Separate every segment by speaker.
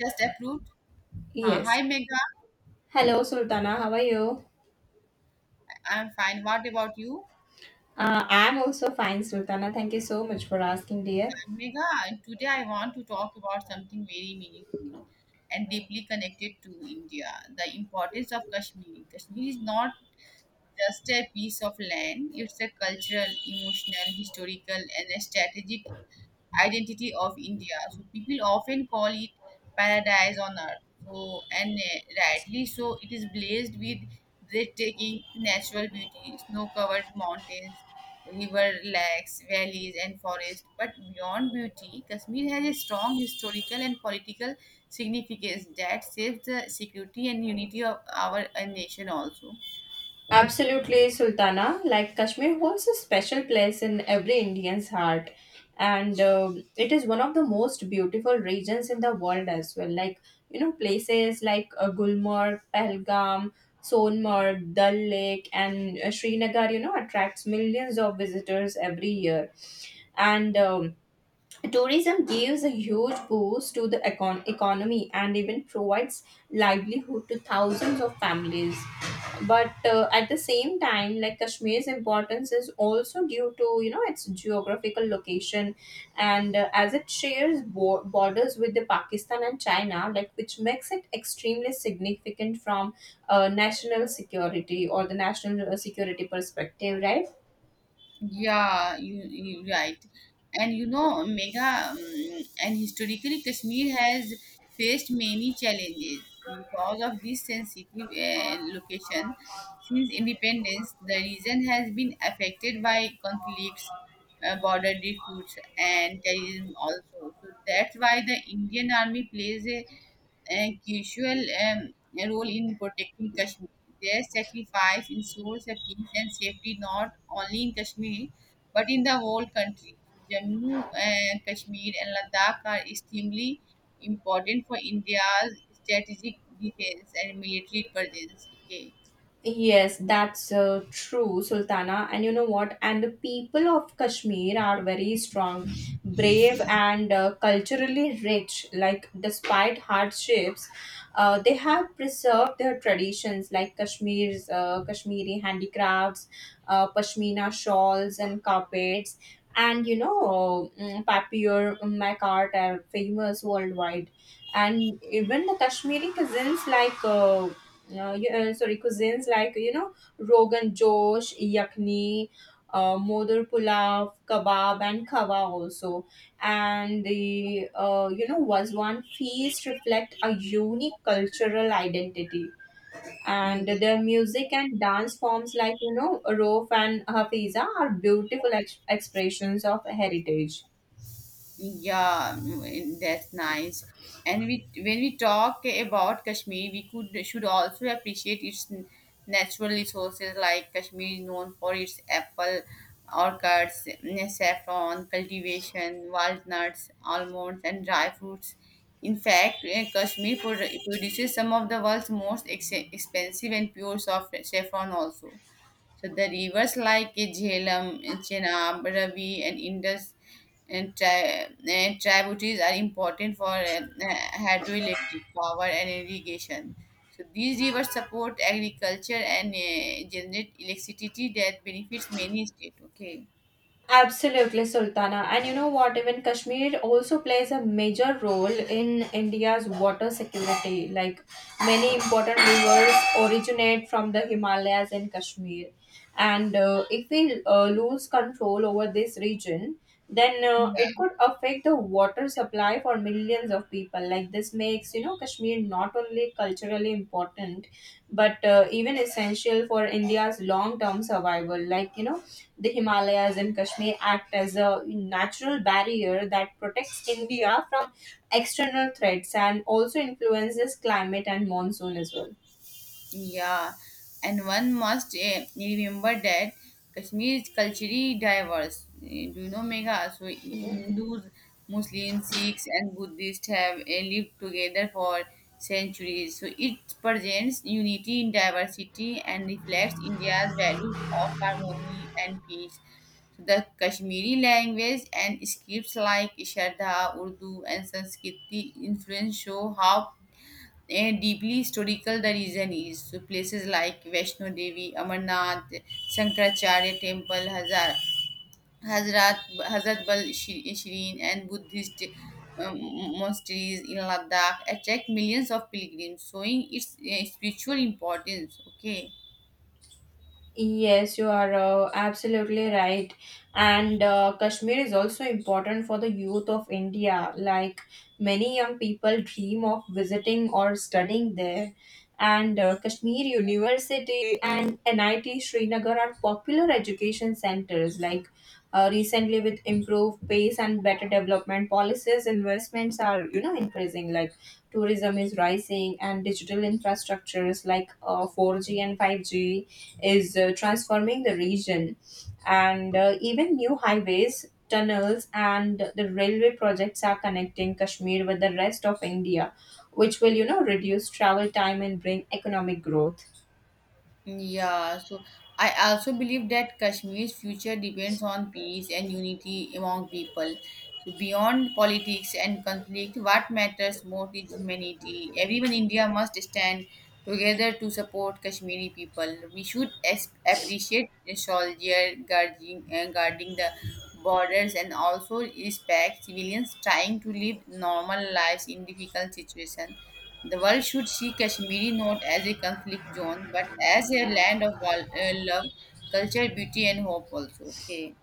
Speaker 1: Just approved. Uh,
Speaker 2: Yes.
Speaker 1: hi, Megha.
Speaker 2: Hello, Sultana. How are you?
Speaker 1: I'm fine. What about you?
Speaker 2: I'm also fine, Sultana. Thank you so much for asking, dear.
Speaker 1: Megha, today I want to talk about something very meaningful and deeply connected to India, the importance of Kashmir. Kashmir is not just a piece of land, it's a cultural, emotional, historical, and a strategic identity of India. So people often call it paradise on earth. So and rightly so, it is blazed with breathtaking natural beauty, snow-covered mountains, river lakes, valleys, and forests. But beyond beauty, Kashmir has a strong historical and political significance that saves the security and unity of our nation also.
Speaker 2: Absolutely, Sultana. Like Kashmir holds a special place in every Indian's heart, and it is one of the most beautiful regions in the world as well. Like you know, places like Gulmarg, Pahalgam, Sonmarg, Dal Lake, and Srinagar. You know, attracts millions of visitors every year, and tourism gives a huge boost to the economy and even provides livelihood to thousands of families. But at the same time, like Kashmir's importance is also due to you know its geographical location, and as it shares borders with the Pakistan and China, like which makes it extremely significant from national security or the national security perspective, right?
Speaker 1: Yeah, you right. And you know, Megha, and historically, Kashmir has faced many challenges because of this sensitive location. Since independence, the region has been affected by conflicts, border disputes, and terrorism also. So that's why the Indian Army plays a crucial role in protecting Kashmir. Their sacrifice ensures a peace and safety not only in Kashmir but in the whole country. So, Jammu and Kashmir and Ladakh are extremely important for India's strategic defense and military presence. Okay.
Speaker 2: Yes, that's true, Sultana. And you know what? And the people of Kashmir are very strong, brave, and culturally rich. Like, despite hardships, they have preserved their traditions, like Kashmir's Kashmiri handicrafts, pashmina shawls and carpets, and you know, papier macaart are famous worldwide. And even the Kashmiri cousins, like. Sorry, cuisines like you know rogan josh, yakni, modar pulav, kebab, and kava also, and the you know was one feast reflect a unique cultural identity, and
Speaker 1: Yeah.
Speaker 2: their music and dance forms like you know rof and hafiza are beautiful expressions of heritage.
Speaker 1: Yeah, that's nice. And we, when we talk about Kashmir, we could should also appreciate its natural resources. Like Kashmir is known for its apple orchards, saffron cultivation, walnuts, almonds, and dry fruits. In fact, Kashmir produces some of the world's most expensive and pure soft saffron also. So the rivers like Jhelum, Chenab, Ravi, and Indus and tributaries are important for hydroelectric power and irrigation. So these rivers support agriculture and generate electricity that benefits many states. Okay.
Speaker 2: Absolutely, Sultana. And you know what? Even Kashmir also plays a major role in India's water security. Like many important rivers originate from the Himalayas and Kashmir. And if we lose control over this region, then it could affect the water supply for millions of people. Like this makes, you know, Kashmir not only culturally important, but even essential for India's long term survival. Like, you know, the Himalayas and Kashmir act as a natural barrier that protects India from external threats and also influences climate and monsoon as well.
Speaker 1: Yeah, and one must remember that Kashmir is culturally diverse. Do you know, Megha? So
Speaker 2: Yeah.
Speaker 1: Hindus, Muslims, Sikhs, and Buddhists have lived together for centuries. So it presents unity in diversity and reflects India's values of harmony and peace. So the Kashmiri language and scripts like Shraddha, Urdu, and Sanskrit influence show how and deeply historical the region is. So places like Vaishno Devi, Amarnath, Shankaracharya Temple, Hazrat Bal Shireen, and Buddhist um, monasteries in Ladakh attract millions of pilgrims, showing its spiritual importance. Okay.
Speaker 2: Yes, you are absolutely right. And Kashmir is also important for the youth of India. Like many young people dream of visiting or studying there. And Kashmir University and NIT Srinagar are popular education centers. Like recently, with improved pace and better development policies, investments are you know increasing. Like tourism is rising, and digital infrastructures like 4G and 5G is transforming the region, and even new highways, tunnels, and the railway projects are connecting Kashmir with the rest of India, which will you know reduce travel time and bring economic growth.
Speaker 1: Yeah, so I also believe that Kashmir's future depends on peace and unity among people. So beyond politics and conflict, what matters most is humanity. Everyone in India must stand together to support Kashmiri people. We should appreciate the soldier guarding the borders and also respect civilians trying to live normal lives in difficult situations. The world should see Kashmiri not as a conflict zone, but as a land of love, culture, beauty, and hope. Also, okay,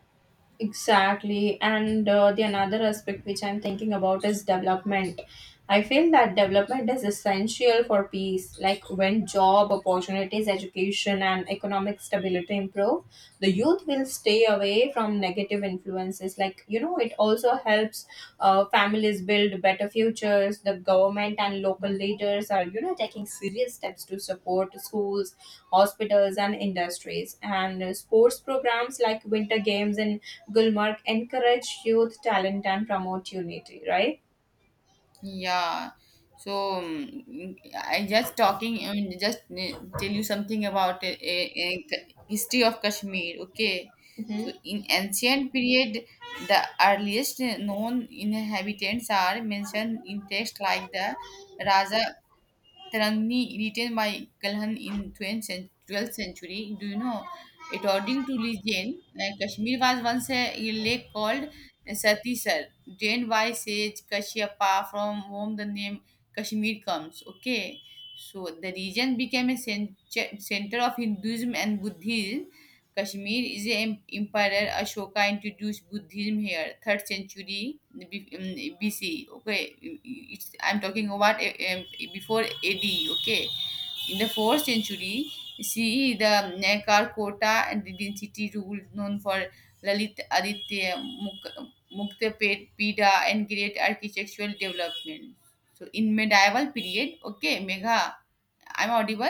Speaker 2: Exactly. And the another aspect which I'm thinking about is development. I feel that development is essential for peace. Like when job opportunities, education, and economic stability improve, the youth will stay away from negative influences. Like, you know, it also helps families build better futures. The government and local leaders are, you know, taking serious steps to support schools, hospitals, and industries. And sports programs like Winter Games in Gulmarg encourage youth talent and promote unity. Right?
Speaker 1: yeah. So I just talking, just tell you something about a history of Kashmir. Okay,
Speaker 2: Hmm.
Speaker 1: so in ancient period, the earliest known inhabitants are mentioned in texts like the Raza Tarangni, written by Kalhan in 12th century. Do you know? According to legend, Kashmir was once a lake called Satisar, drained by sage Kashyapa, from whom the name Kashmir comes. Okay, so the region became a center of Hinduism and Buddhism. Kashmir is the emperor Ashoka introduced Buddhism here, third century BC. Okay, I'm talking about before AD. Okay, in the fourth century, see the Nakarkota and the density rule known for Lalit Aditya Muktapet Pida and great architectural development. So in medieval period, okay, Megha, I'm audible.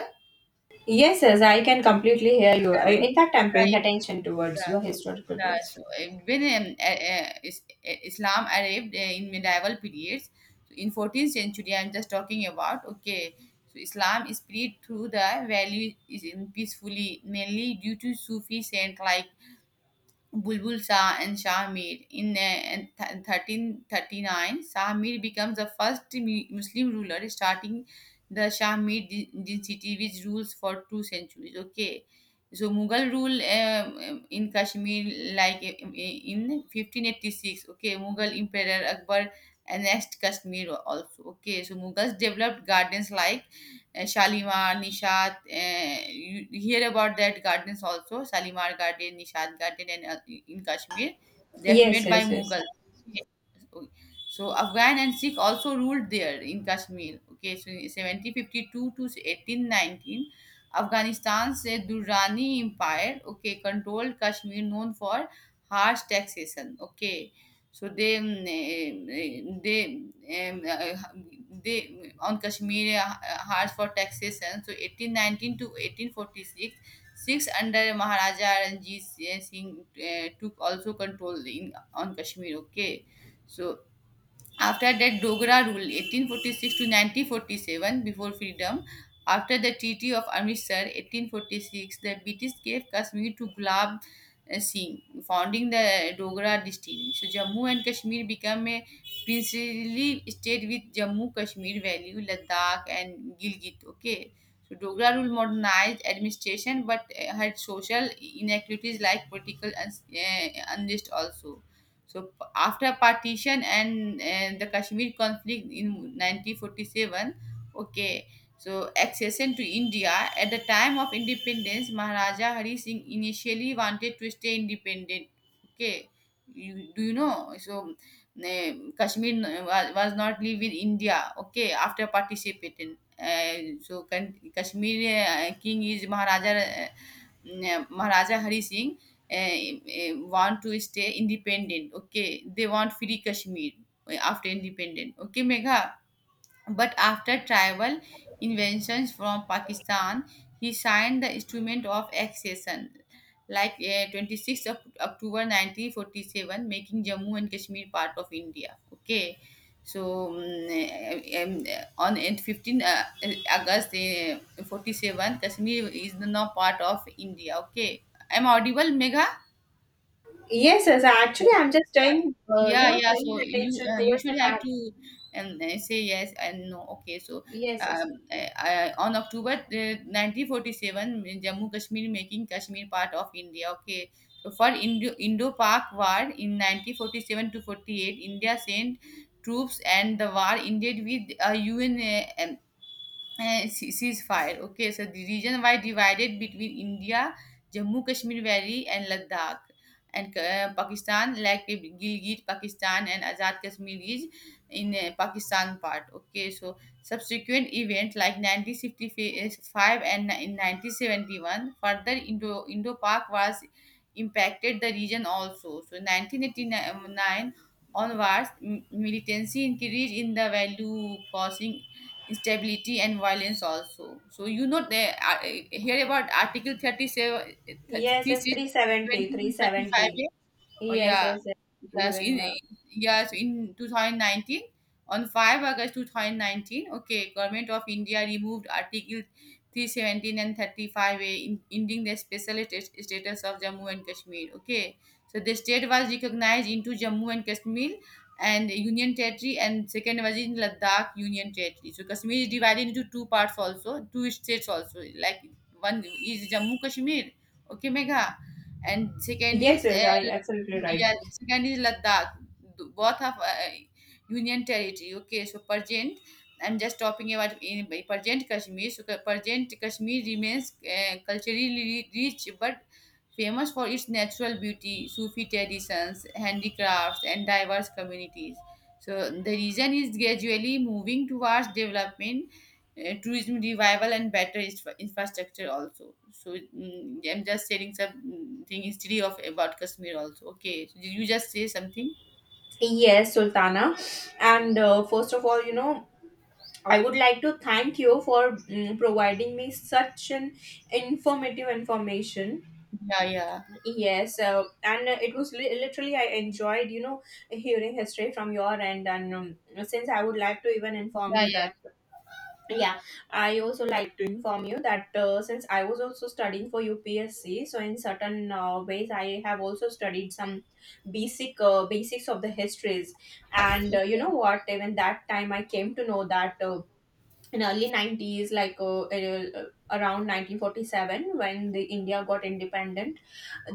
Speaker 2: Yes, yes, I can completely hear you. I, in fact, I'm
Speaker 1: Yeah,
Speaker 2: paying attention towards
Speaker 1: yeah.
Speaker 2: your historical
Speaker 1: Yeah,
Speaker 2: base.
Speaker 1: so when Islam arrived in medieval periods, so in 14th century, I'm just talking about. Okay, so Islam spread through the valley is in peacefully, mainly due to Sufi saint like Bulbul Shah and Shah Mir. In 1339, Shah Mir becomes the first Muslim ruler, starting the Shah Mir dynasty, which rules for 2 centuries. Okay, so Mughal rule in Kashmir, like in 1586. Okay, Mughal Emperor Akbar annexed Kashmir also. Okay, so Mughals developed gardens like Shalimar, Nishad. You hear about that gardens also, Shalimar Garden, Nishad Garden, and in Kashmir, that
Speaker 2: Yes,
Speaker 1: made by
Speaker 2: yes,
Speaker 1: Mughal.
Speaker 2: yes.
Speaker 1: So Afghan and Sikh also ruled there in Kashmir. Okay, so in 1752 to 1819, Afghanistan's Durrani Empire, okay, controlled Kashmir, known for harsh taxation. Okay, so they eh, they on Kashmir hard for taxation. So 1819 to 1846, six under Maharaja Ranjit Singh took also control in on Kashmir. Okay, so after that, Dogra rule 1846 to 1947 before freedom. After the Treaty of Amritsar 1846, the British gave Kashmir to Gulab Singh, founding the Dogra dynasty. So Jammu and Kashmir became a princely state with Jammu Kashmir Valley, Ladakh, and Gilgit. Okay. So Dogra rule modernized administration but had social inequalities like political unrest also. So after partition and the Kashmir conflict in 1947, okay, so accession to India at the time of independence, Maharaja Hari Singh initially wanted to stay independent. Okay, do you know? So uh, Kashmir was not live in India. Okay, after participating. So Kashmir king is Maharaja Hari Singh want to stay independent. Okay, they want free Kashmir after independent. Okay, Megha. But after tribal inventions from Pakistan, he signed the instrument of accession, like 26th of October 1947, making Jammu and Kashmir part of India. Okay, so on 15th August 47, Kashmir is now part of India. Okay, I'm audible, Megha.
Speaker 2: Yes, yes. Actually, I'm just doing, you
Speaker 1: Yeah,
Speaker 2: know,
Speaker 1: yeah,
Speaker 2: paying
Speaker 1: so you
Speaker 2: attention
Speaker 1: uh, you
Speaker 2: towards the
Speaker 1: should have
Speaker 2: fact.
Speaker 1: to say yes and no. Okay, so
Speaker 2: Yes, yes.
Speaker 1: on October 1947, Jammu Kashmir making Kashmir part of India. Okay, so for Indo-Pak war in 1947 to 48, India sent troops and the war ended with a UN ceasefire. Okay, so the region why divided between India, Jammu Kashmir Valley, and Ladakh, and Pakistan, like Gilgit, Pakistan, and Azad Kashmir is in Pakistan part. Okay, so subsequent event like 1955 and in 1971, further Indo Pak was impacted the region also. So 1989 onwards, militancy increased in the value, causing instability and violence also. So they hear about Article 37,
Speaker 2: Yes, yes.
Speaker 1: 36,
Speaker 2: 370,
Speaker 1: 20,
Speaker 2: three
Speaker 1: and 35.
Speaker 2: seventy,
Speaker 1: Oh
Speaker 2: Yes,
Speaker 1: yeah,
Speaker 2: yes, yes.
Speaker 1: yes, in
Speaker 2: Even.
Speaker 1: yes in 2019, on 5 August 2019, okay, Government of India removed Article 317 and 35A, in, ending the special status of Jammu and Kashmir. Okay, so the state was recognized into Jammu and Kashmir and Union Territory, and second was in Ladakh Union Territory. So Kashmir is divided into two parts also, two states also. Like one is Jammu Kashmir, okay, Megha, and second
Speaker 2: Yes,
Speaker 1: is
Speaker 2: yes. I absolutely
Speaker 1: yeah,
Speaker 2: right.
Speaker 1: second is Ladakh. Both of Union territory. Okay, so present. I'm just talking about in by present Kashmir. So present Kashmir remains culturally rich but famous for its natural beauty, Sufi traditions, handicrafts, and diverse communities. So the region is gradually moving towards development, tourism revival and better infrastructure also. So I'm just sharing saying thing history of about Kashmir also. Okay, so did you just say something?
Speaker 2: Yes, Sultana. And first of all, you know, I would like to thank you for providing me such an informative information.
Speaker 1: Yeah, yeah,
Speaker 2: Yes, and it was literally I enjoyed, you know, hearing history from your end, and since I would like to even inform you
Speaker 1: yeah,
Speaker 2: that, yeah, I also like to inform you that since I was also studying for UPSC, so in certain ways I have also studied some basic basics of the histories, and you know what, even that time I came to know that. In early 90s like around 1947 when the india got independent,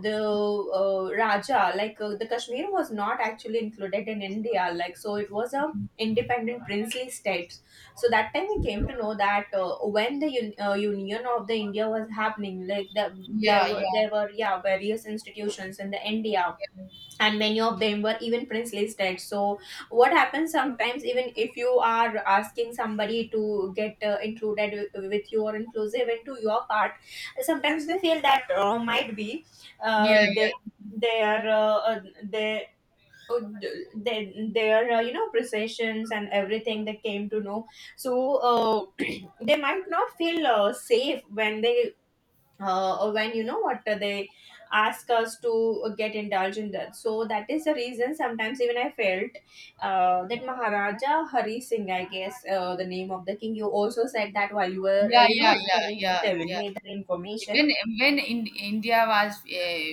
Speaker 2: the raja, like the kashmir was not actually included in india, like so it was a independent princely state. So that time we came to know that when the union of the india was happening, like the,
Speaker 1: yeah,
Speaker 2: there were
Speaker 1: yeah,
Speaker 2: there were yeah various institutions in the india, and many of them were even prince listed, so what happens sometimes even if you are asking somebody to get included with you or inclusive into your part, sometimes they feel that might be
Speaker 1: yeah,
Speaker 2: uh,
Speaker 1: yeah,
Speaker 2: they they are uh, they, their you know processions and everything they came to know. So they might not feel safe when they or when you know what they ask us to get indulged in that. So that is the reason sometimes even I felt that Maharaja Hari Singh, I guess the name of the king. You also said that while you were
Speaker 1: yeah,
Speaker 2: you
Speaker 1: yeah,
Speaker 2: know
Speaker 1: yeah,
Speaker 2: telling
Speaker 1: yeah.
Speaker 2: telling
Speaker 1: Yeah.
Speaker 2: me the information.
Speaker 1: When when in, India was uh,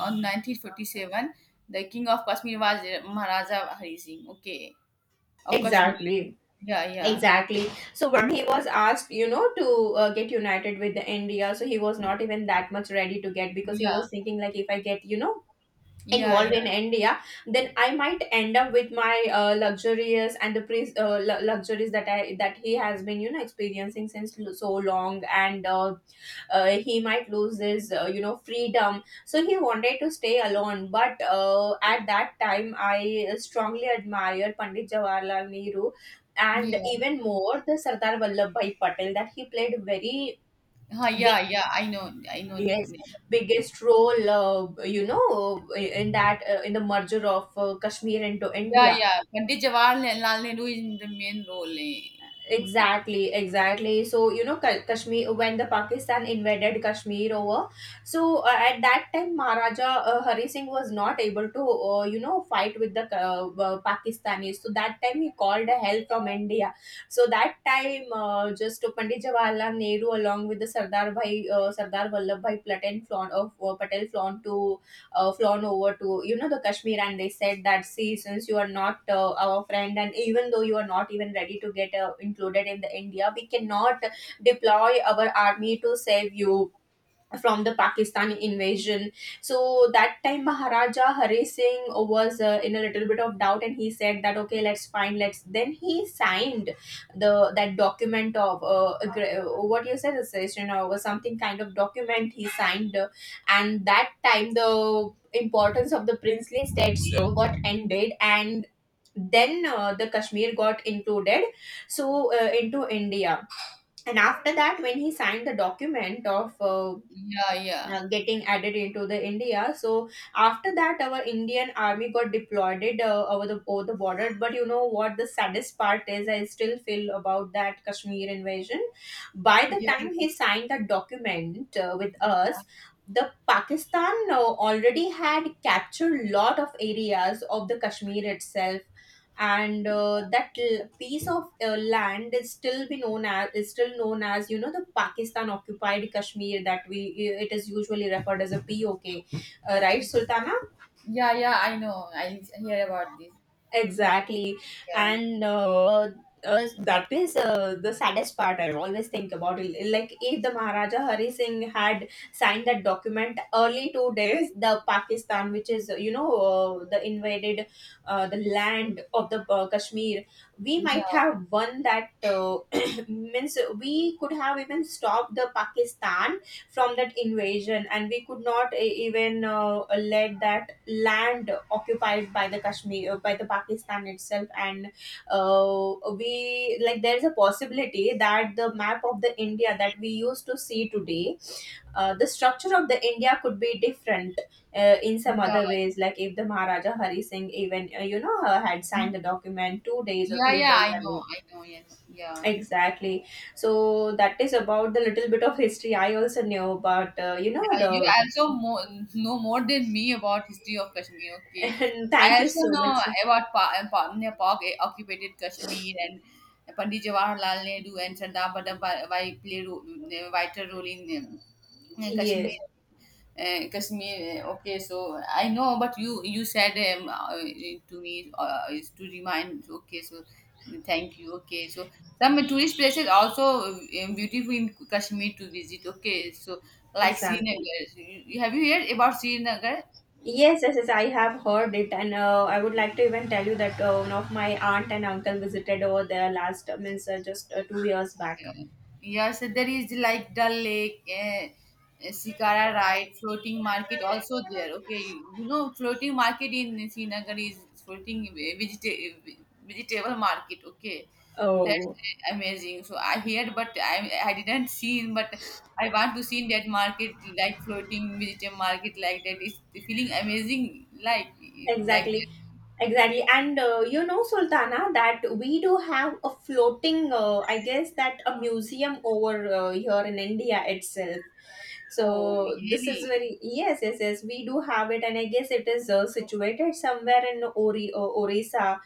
Speaker 1: uh, on 1947, the king of Kashmir was Maharaja Hari Singh. Okay, of Kashmir.
Speaker 2: Exactly.
Speaker 1: Yeah, yeah,
Speaker 2: Exactly. So when he was asked, you know, to get united with the India, so he was not even that much ready to get because he
Speaker 1: yeah,
Speaker 2: was thinking like, if I get, you know,
Speaker 1: yeah,
Speaker 2: involved
Speaker 1: yeah,
Speaker 2: in india, then I might end up with my luxurious and the luxuries that I that he has been you know experiencing since so long, and he might lose his you know freedom, so he wanted to stay alone. But at that time I strongly admire pandit jawaharlal nehru and
Speaker 1: yeah.
Speaker 2: even more the sardar vallabhbhai patel, that he played very
Speaker 1: Huh, yeah, yeah. I know, I know.
Speaker 2: Yes, biggest role, you know, in that in the merger of Kashmir into
Speaker 1: Yeah,
Speaker 2: India.
Speaker 1: yeah. Pandit Jawaharlal Nehru is in the main role. Eh. Okay.
Speaker 2: Exactly, exactly. So you know, Kashmir when the Pakistan invaded Kashmir over, so at that time Maharaja Hari Singh was not able to, you know, fight with the Pakistanis. So that time he called a help from India. So that time, just Pandit Jawaharlal Nehru along with the Sardar Vallabh Bhai Platin flown of Patel flown to flown over to you know the Kashmir, and they said that see, since you are not our friend, and even though you are not even ready to get included in the India, we cannot deploy our army to save you from the Pakistani invasion. So that time Maharaja Hari Singh was in a little bit of doubt, and he said that okay, let's find, let's. Then he signed the that document of what you said, accession or something kind of document he signed, and that time the importance of the princely states got ended, and. Then the Kashmir got included, so into India, and after that when he signed the document of
Speaker 1: Yeah, yeah.
Speaker 2: getting added into the India. So after that, our Indian army got deployed over the border. But you know what? The saddest part is I still feel about that Kashmir invasion. By the
Speaker 1: Yeah,
Speaker 2: time he signed that document with us. The Pakistan already had captured lot of areas of the Kashmir itself, and that piece of land is still be known as is still known as you know the Pakistan occupied Kashmir, that we it is usually referred as a POK, right, Sultana?
Speaker 1: yeah, yeah. I know. I hear about this.
Speaker 2: Exactly.
Speaker 1: Yeah,
Speaker 2: And that is the saddest part I always think about. It. Like, if the Maharaja Hari Singh had signed that document early 2 days, the Pakistan, which is, you know, the invaded the land of the Kashmir, we
Speaker 1: yeah,
Speaker 2: might have won that. Means we could have even stopped the Pakistan from that invasion, and we could not even let that land occupied by the kashmir by the pakistan itself. And we, like, there is a possibility that the map of the india that we used to see today, the structure of the india could be different in some
Speaker 1: yeah,
Speaker 2: other ways, like if the maharaja hari singh even you know had signed the document 2 days or
Speaker 1: yeah,
Speaker 2: 3
Speaker 1: yeah.
Speaker 2: days
Speaker 1: I
Speaker 2: early,
Speaker 1: know. I know. Yeah, yeah.
Speaker 2: exactly. So that is about the little bit of history I also know. But you know
Speaker 1: Yeah, you
Speaker 2: the
Speaker 1: also know more than me about history of Kashmir. Okay,
Speaker 2: and
Speaker 1: I
Speaker 2: thank you
Speaker 1: also
Speaker 2: so
Speaker 1: know
Speaker 2: much sir.
Speaker 1: about Nepal Pak occupied Kashmir and Pandit Jawaharlal Nehru and Sardar Vallabhbhai played vital role in
Speaker 2: Yes,
Speaker 1: Kashmir. Kashmir. Okay, so I know, but you said to me is to remind. Okay, so thank you. Okay, so some tourist places also beautiful in Kashmir to visit. Okay, so like
Speaker 2: exactly.
Speaker 1: Srinagar. Have you heard about Srinagar?
Speaker 2: Yes, yes, yes, I have heard it, and I would like to even tell you that one of my aunt and uncle visited over there last, means just 2 years back.
Speaker 1: Yes, there is like Dal Lake, Shikara Ride, floating market also there. Okay, floating market in Srinagar is floating vegetable market. Okay, so that's
Speaker 2: Oh,
Speaker 1: amazing. So I heard, but I didn't see, but I want to see in that market like floating vegetable market like that. It's feeling amazing, like
Speaker 2: exactly,
Speaker 1: that.
Speaker 2: exactly, and you know, Sultana, that we do have a floating, I guess that a museum over here in India itself.
Speaker 1: Oh,
Speaker 2: So this is
Speaker 1: really?
Speaker 2: very— yes, yes, yes, we do have it, and I guess it is situated somewhere in Orissa.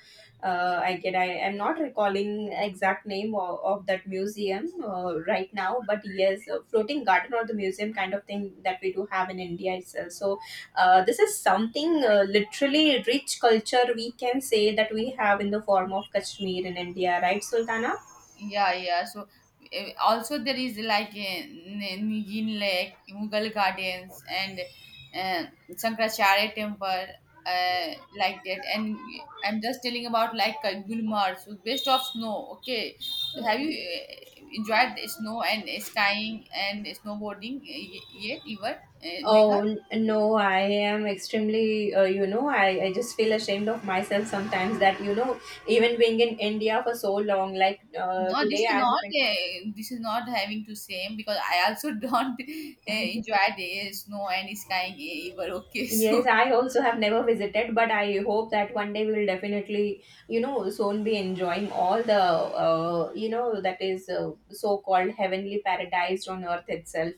Speaker 2: I am not recalling exact name of that museum right now, but yes, a floating garden or the museum kind of thing that we do have in India itself. So this is something literally rich culture we can say that we have in the form of Kashmir in India, right, Sultana?
Speaker 1: Yeah, yeah. So also there is like Nigin Lake, Mughal Gardens, and Shankaracharya Temple, uh, like that. And I'm just telling about like Gulmarg. So based of snow. Okay, so have you enjoyed the snow and skiing and snowboarding yet, ever? Megha?
Speaker 2: Oh, no, I am extremely, you know, I just feel ashamed of myself sometimes that, you know, even being in India for so long, like
Speaker 1: No, this
Speaker 2: today
Speaker 1: is
Speaker 2: I'm—
Speaker 1: not. This is not having to same because I also don't enjoy the snow and skiing ever. Okay, so
Speaker 2: Yes, I also have never visited, but I hope that one day we will definitely, soon be enjoying all the, that is so-called heavenly paradise on earth itself.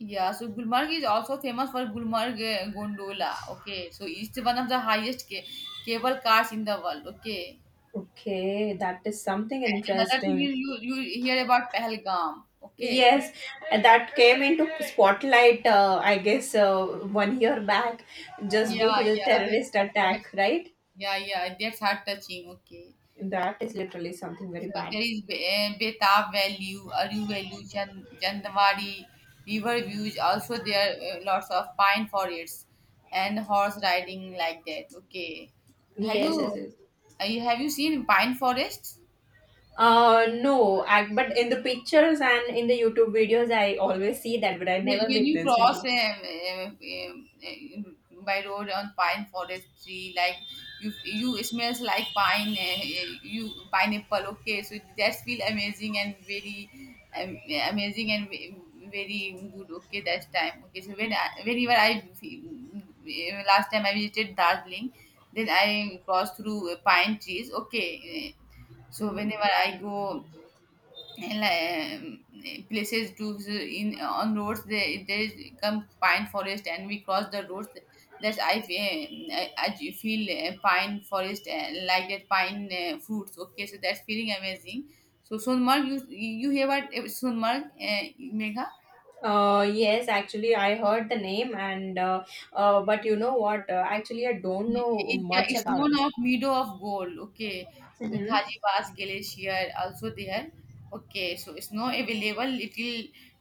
Speaker 1: yeah, so Gulmarg is also famous for Gulmarg Gondola. Okay, so it's one of the highest cable cars in the world. Okay,
Speaker 2: Okay, that is something
Speaker 1: another thing is
Speaker 2: interesting.
Speaker 1: you hear about Pahalgam. Okay,
Speaker 2: Yes, that came into spotlight, I guess, one year back, just due
Speaker 1: yeah,
Speaker 2: to the
Speaker 1: yeah,
Speaker 2: terrorist
Speaker 1: that's,
Speaker 2: attack, right?
Speaker 1: yeah, yeah, that's heart touching. Okay,
Speaker 2: That is literally something very
Speaker 1: so
Speaker 2: bad.
Speaker 1: there is Betab Valley, Aru Valley, Jandawari river views. Also, there are lots of pine forests and horse riding like that. Okay, have you
Speaker 2: Yes, yes, yes.
Speaker 1: have you seen pine forests?
Speaker 2: No, I— but in the pictures and in the YouTube videos, I always see that, but I
Speaker 1: When
Speaker 2: never
Speaker 1: when you
Speaker 2: witnessed.
Speaker 1: cross
Speaker 2: Recently.
Speaker 1: eh, by road on pine forest tree, like you smells like pine, you pineapple. Okay, so that's feel amazing and very um, amazing and very good. Okay, that time. Okay, so whenever I last time I visited Darjeeling, then I crossed through pine trees. Okay, eh, so whenever I go and like, places to in on roads they there is come pine forest and we cross the roads that's I feel I feel pine forest like that pine fruits okay so that's feeling amazing so sonmark you hear about sonmark megha.
Speaker 2: Yes, actually, I heard the name, and but you know what? Actually, I don't know
Speaker 1: It, yeah,
Speaker 2: much
Speaker 1: it's
Speaker 2: about
Speaker 1: known
Speaker 2: it.
Speaker 1: of Meadow of Gold. Okay, with
Speaker 2: Mm-hmm.
Speaker 1: Hajibas Glacier also there. Okay, so it's now available little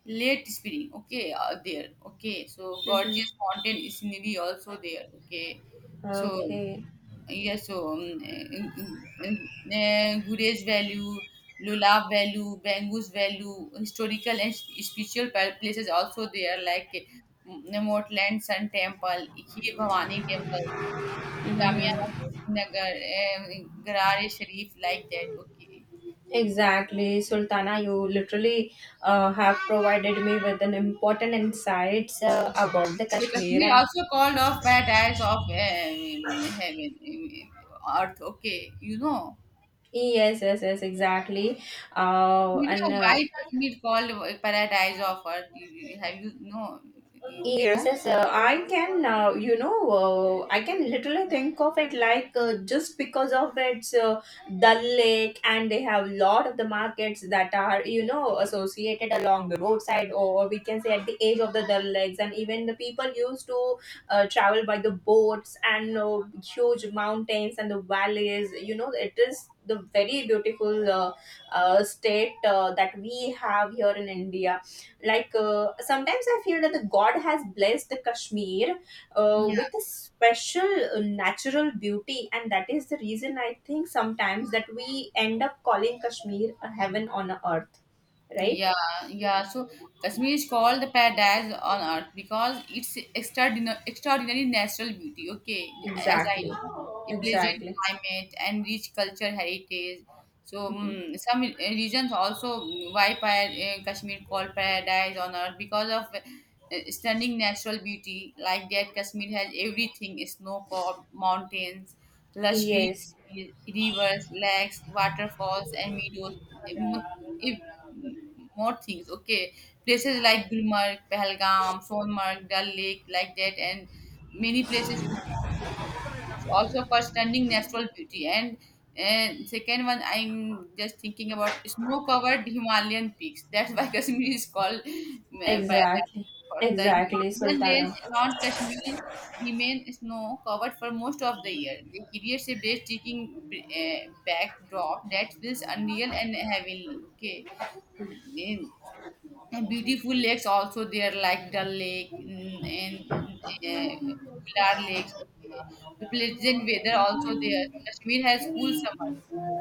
Speaker 1: late spring. Okay, there. Okay, so
Speaker 2: Mm-hmm.
Speaker 1: gorgeous mountain scenery also there. Okay, so
Speaker 2: Okay.
Speaker 1: yeah, so Gurez Value, Lulab Value, Bangus Value, historical and spiritual places also there like. Mortland Sun Temple, Ikhi Bhavani Temple, Jamia
Speaker 2: Mm-hmm.
Speaker 1: Masjid, Nagar, uh, Garare-Sharif, like that. Okay.
Speaker 2: Exactly, Sultana. You literally have provided me with an important insights about the
Speaker 1: Yeah,
Speaker 2: Kashmir.
Speaker 1: Kashmir
Speaker 2: And
Speaker 1: also called off paradise of heaven, earth. Okay,
Speaker 2: yes, yes, yes, exactly.
Speaker 1: you
Speaker 2: And
Speaker 1: know why Kashmir called paradise of earth. Have you know,
Speaker 2: Yes,
Speaker 1: Megha?
Speaker 2: yes, I can, I can literally think of it like just because of its Dal Lake, and they have a lot of the markets that are, you know, associated along the roadside, or we can say at the edge of the Dal Lakes, and even the people used to travel by the boats and huge mountains and the valleys. You know, it is the very beautiful state that we have here in India, like sometimes I feel that the god has blessed the Kashmir
Speaker 1: Yeah.
Speaker 2: with a special natural beauty, and that is the reason I think sometimes that we end up calling Kashmir a heaven on a earth, right?
Speaker 1: Yeah, yeah. So Kashmir is called the paradise on earth because it's extraordinary, extraordinary natural beauty. Okay, as I
Speaker 2: Exactly,
Speaker 1: know, the pleasant
Speaker 2: exactly.
Speaker 1: climate and rich culture heritage. So
Speaker 2: Mhm.
Speaker 1: mm some regions also mm, why Kashmir called paradise on earth because of stunning natural beauty like that. Kashmir has everything: snow-capped mountains, lush
Speaker 2: Yes,
Speaker 1: green rivers, lakes, waterfalls, and meadows. Mm, If more things. Okay, places like Gulmarg, Pahalgam, Sonmark, Dal Lake, like that, and many places. We need to- it's also for stunning natural beauty. And second one, I'm just thinking about snow-covered Himalayan peaks. That's why Kashmir is called Paradise.
Speaker 2: exactly,
Speaker 1: For the
Speaker 2: exactly,
Speaker 1: Himalayan range
Speaker 2: Sultana.
Speaker 1: around Kashmir remain snow covered for most of the year. The creates a breathtaking backdrop that feels unreal and heavenly. Okay, and beautiful lakes also there like Dal Lake mm, and uh, Bular Lakes. Okay, the pleasant weather also there. Kashmir has cool summer.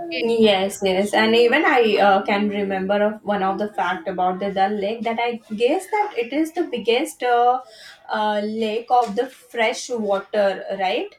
Speaker 1: Okay,
Speaker 2: Yes, yes, and even I can remember of one of the fact about the Dal Lake that I guess that it is the biggest lake of the fresh water, right?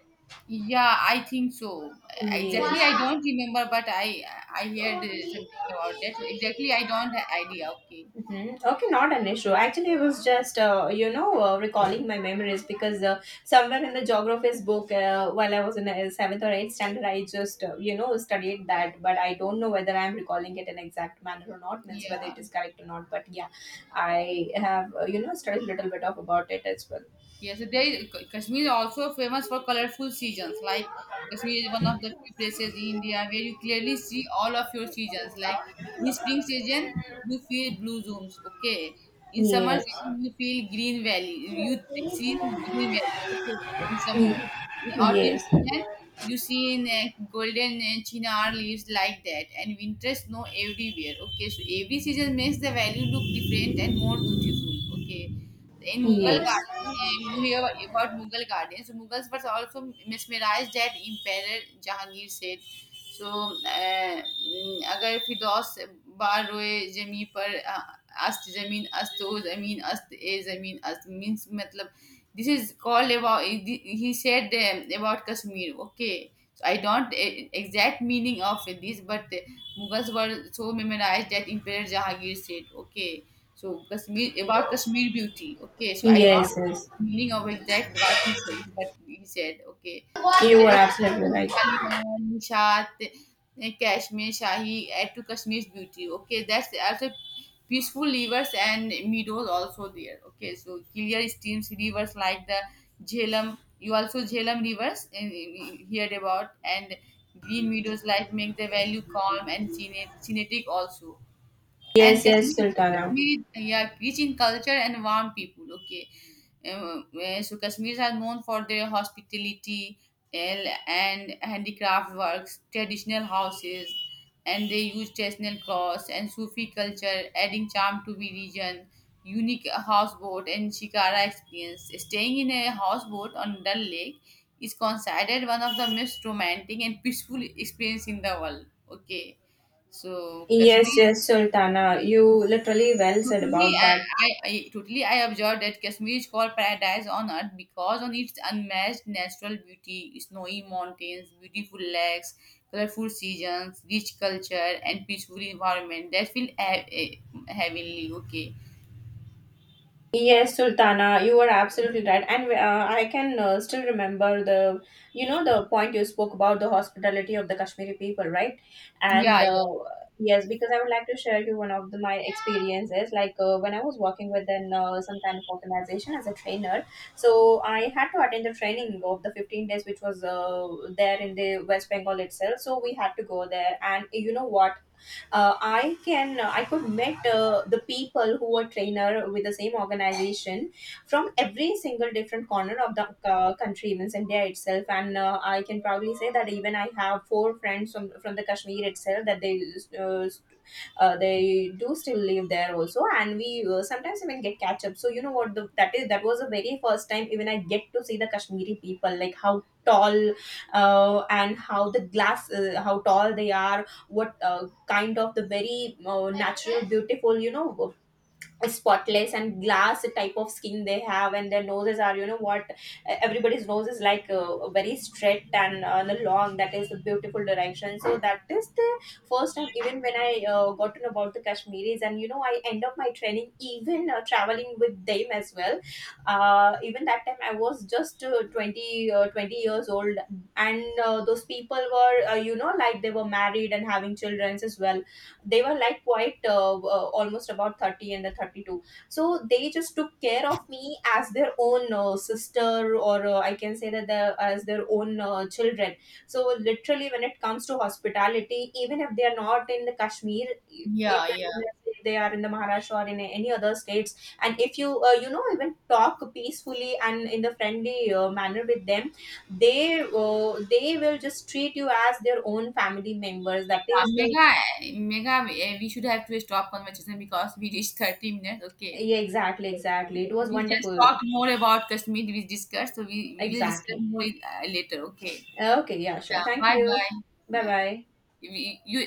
Speaker 1: yeah, I think so. Exactly,
Speaker 2: Yes.
Speaker 1: I don't remember, but I heard something about that. Exactly, I don't have idea. Okay,
Speaker 2: Hmm. Okay, not an issue. Actually, I was just, recalling my memories because somewhere in the geography's book, while I was in the seventh or eighth standard, I just, studied that. But I don't know whether I'm recalling it in exact manner or not, means whether
Speaker 1: yeah.
Speaker 2: it is correct or not. But yeah, I have, studied a little bit of about it as well.
Speaker 1: Yes, they Kashmir is also famous for colorful seasons. Like Kashmir is one of the few places in India where you clearly see all of your seasons. Like in spring season, you feel blue zones. Okay, in summer
Speaker 2: Yes.
Speaker 1: season, you feel green valley. You see green valley. Okay, in summer,
Speaker 2: Mm.
Speaker 1: in autumn
Speaker 2: Yes.
Speaker 1: season, you see in golden chinar leaves like that, and winter snow everywhere. Okay, so every season makes the valley look different and more beautiful. Okay. In Mughal
Speaker 2: Yes.
Speaker 1: you hear about Mughal gardens. The Mughals were also mesmerized that Emperor Jahangir said. So, अगर फिरदौस बार रोए जमी पर अस्त जमीन अस्त ओ जमीन अस्त ए जमीन अस्त मीन्स मतलब this is called about he said about Kashmir okay. So I don't exact meaning of this, but Mughals were so memorized that Emperor Jahangir said, okay, so Kashmir about Kashmir beauty. Okay, so I don't
Speaker 2: Yes. Yes.
Speaker 1: meaning of exact what he said, but he said, okay. So
Speaker 2: You were
Speaker 1: there
Speaker 2: absolutely
Speaker 1: is
Speaker 2: right.
Speaker 1: Taliban, Nishat, Kashmir, Shahi, add to Kashmir's beauty. Okay, that's also peaceful rivers and meadows also there. Okay, so clear streams, rivers like the Jhelum. You also Jhelum rivers we heard about and green meadows like make the value calm and scenic also and
Speaker 2: Yes. Yes, Sultana.
Speaker 1: Kashmir, yeah, rich in culture and warm people. Okay, so Kashmiris are known for their hospitality and handicraft works, traditional houses, and they use traditional clothes and Sufi culture, adding charm to the region. Unique houseboat and shikara experience. Staying in a houseboat on Dal Lake is considered one of the most romantic and peaceful experience in the world. Okay. So
Speaker 2: Yes,
Speaker 1: Kashmir
Speaker 2: yes, Sultana. You literally well said
Speaker 1: totally,
Speaker 2: about that.
Speaker 1: I totally I observed that Kashmir is called paradise on earth because on its unmatched natural beauty, snowy mountains, beautiful lakes, colorful seasons, rich culture, and peaceful environment that feel heavenly. Okay.
Speaker 2: Yes, Sultana, you were absolutely right. And I can still remember the, you know, the point you spoke about the hospitality of the Kashmiri people, right?
Speaker 1: Yeah,
Speaker 2: And
Speaker 1: yeah,
Speaker 2: Yes, because I would like to share you one of the, my experiences. Like when I was working with an, some kind of organization as a trainer, so I had to attend the training of the 15 days, which was there in the West Bengal itself. So we had to go there. And you know what? I could meet the people who are trainer with the same organization from every single different corner of the country, means India itself, and I can probably say that even I have four friends from the Kashmir itself, that uh, they do still live there also, and we sometimes even get catch up. So you know what, the, that is— that was the very first time even I get to see the Kashmiri people, like how tall and how the glass how tall they are, what kind of the very natural beautiful, you know, spotless and glass type of skin they have, and their noses are, you know what, everybody's nose is like very straight and long, that is the beautiful direction. So that is the first time even when I got to know about the Kashmiris, and you know, I end up my training even traveling with them as well. Even that time I was just 20 years old, and those people were, like they were married and having children as well. They were like quite almost about 30 and the 32, so they just took care of me as their own sister, or I can say that the, as their own children. So literally when it comes to hospitality, even if they are not in the Kashmir,
Speaker 1: yeah, yeah.
Speaker 2: even if they are in the Maharashtra or in any other states, and if you you know even talk peacefully and in the friendly manner with them, they will just treat you as their own family members. That
Speaker 1: Uh,
Speaker 2: is the—
Speaker 1: Mega, Mega, we should have to stop conversation because we reached 30 minutes. Okay.
Speaker 2: Yeah, exactly, exactly. It was
Speaker 1: We just talked
Speaker 2: wonderful.
Speaker 1: more about Kashmir, we discussed, so we will discuss
Speaker 2: Exactly.
Speaker 1: more later. Okay.
Speaker 2: Okay, yeah, sure.
Speaker 1: Yeah,
Speaker 2: Thank
Speaker 1: bye
Speaker 2: you.
Speaker 1: bye.
Speaker 2: Bye
Speaker 1: Yeah.
Speaker 2: bye.
Speaker 1: If you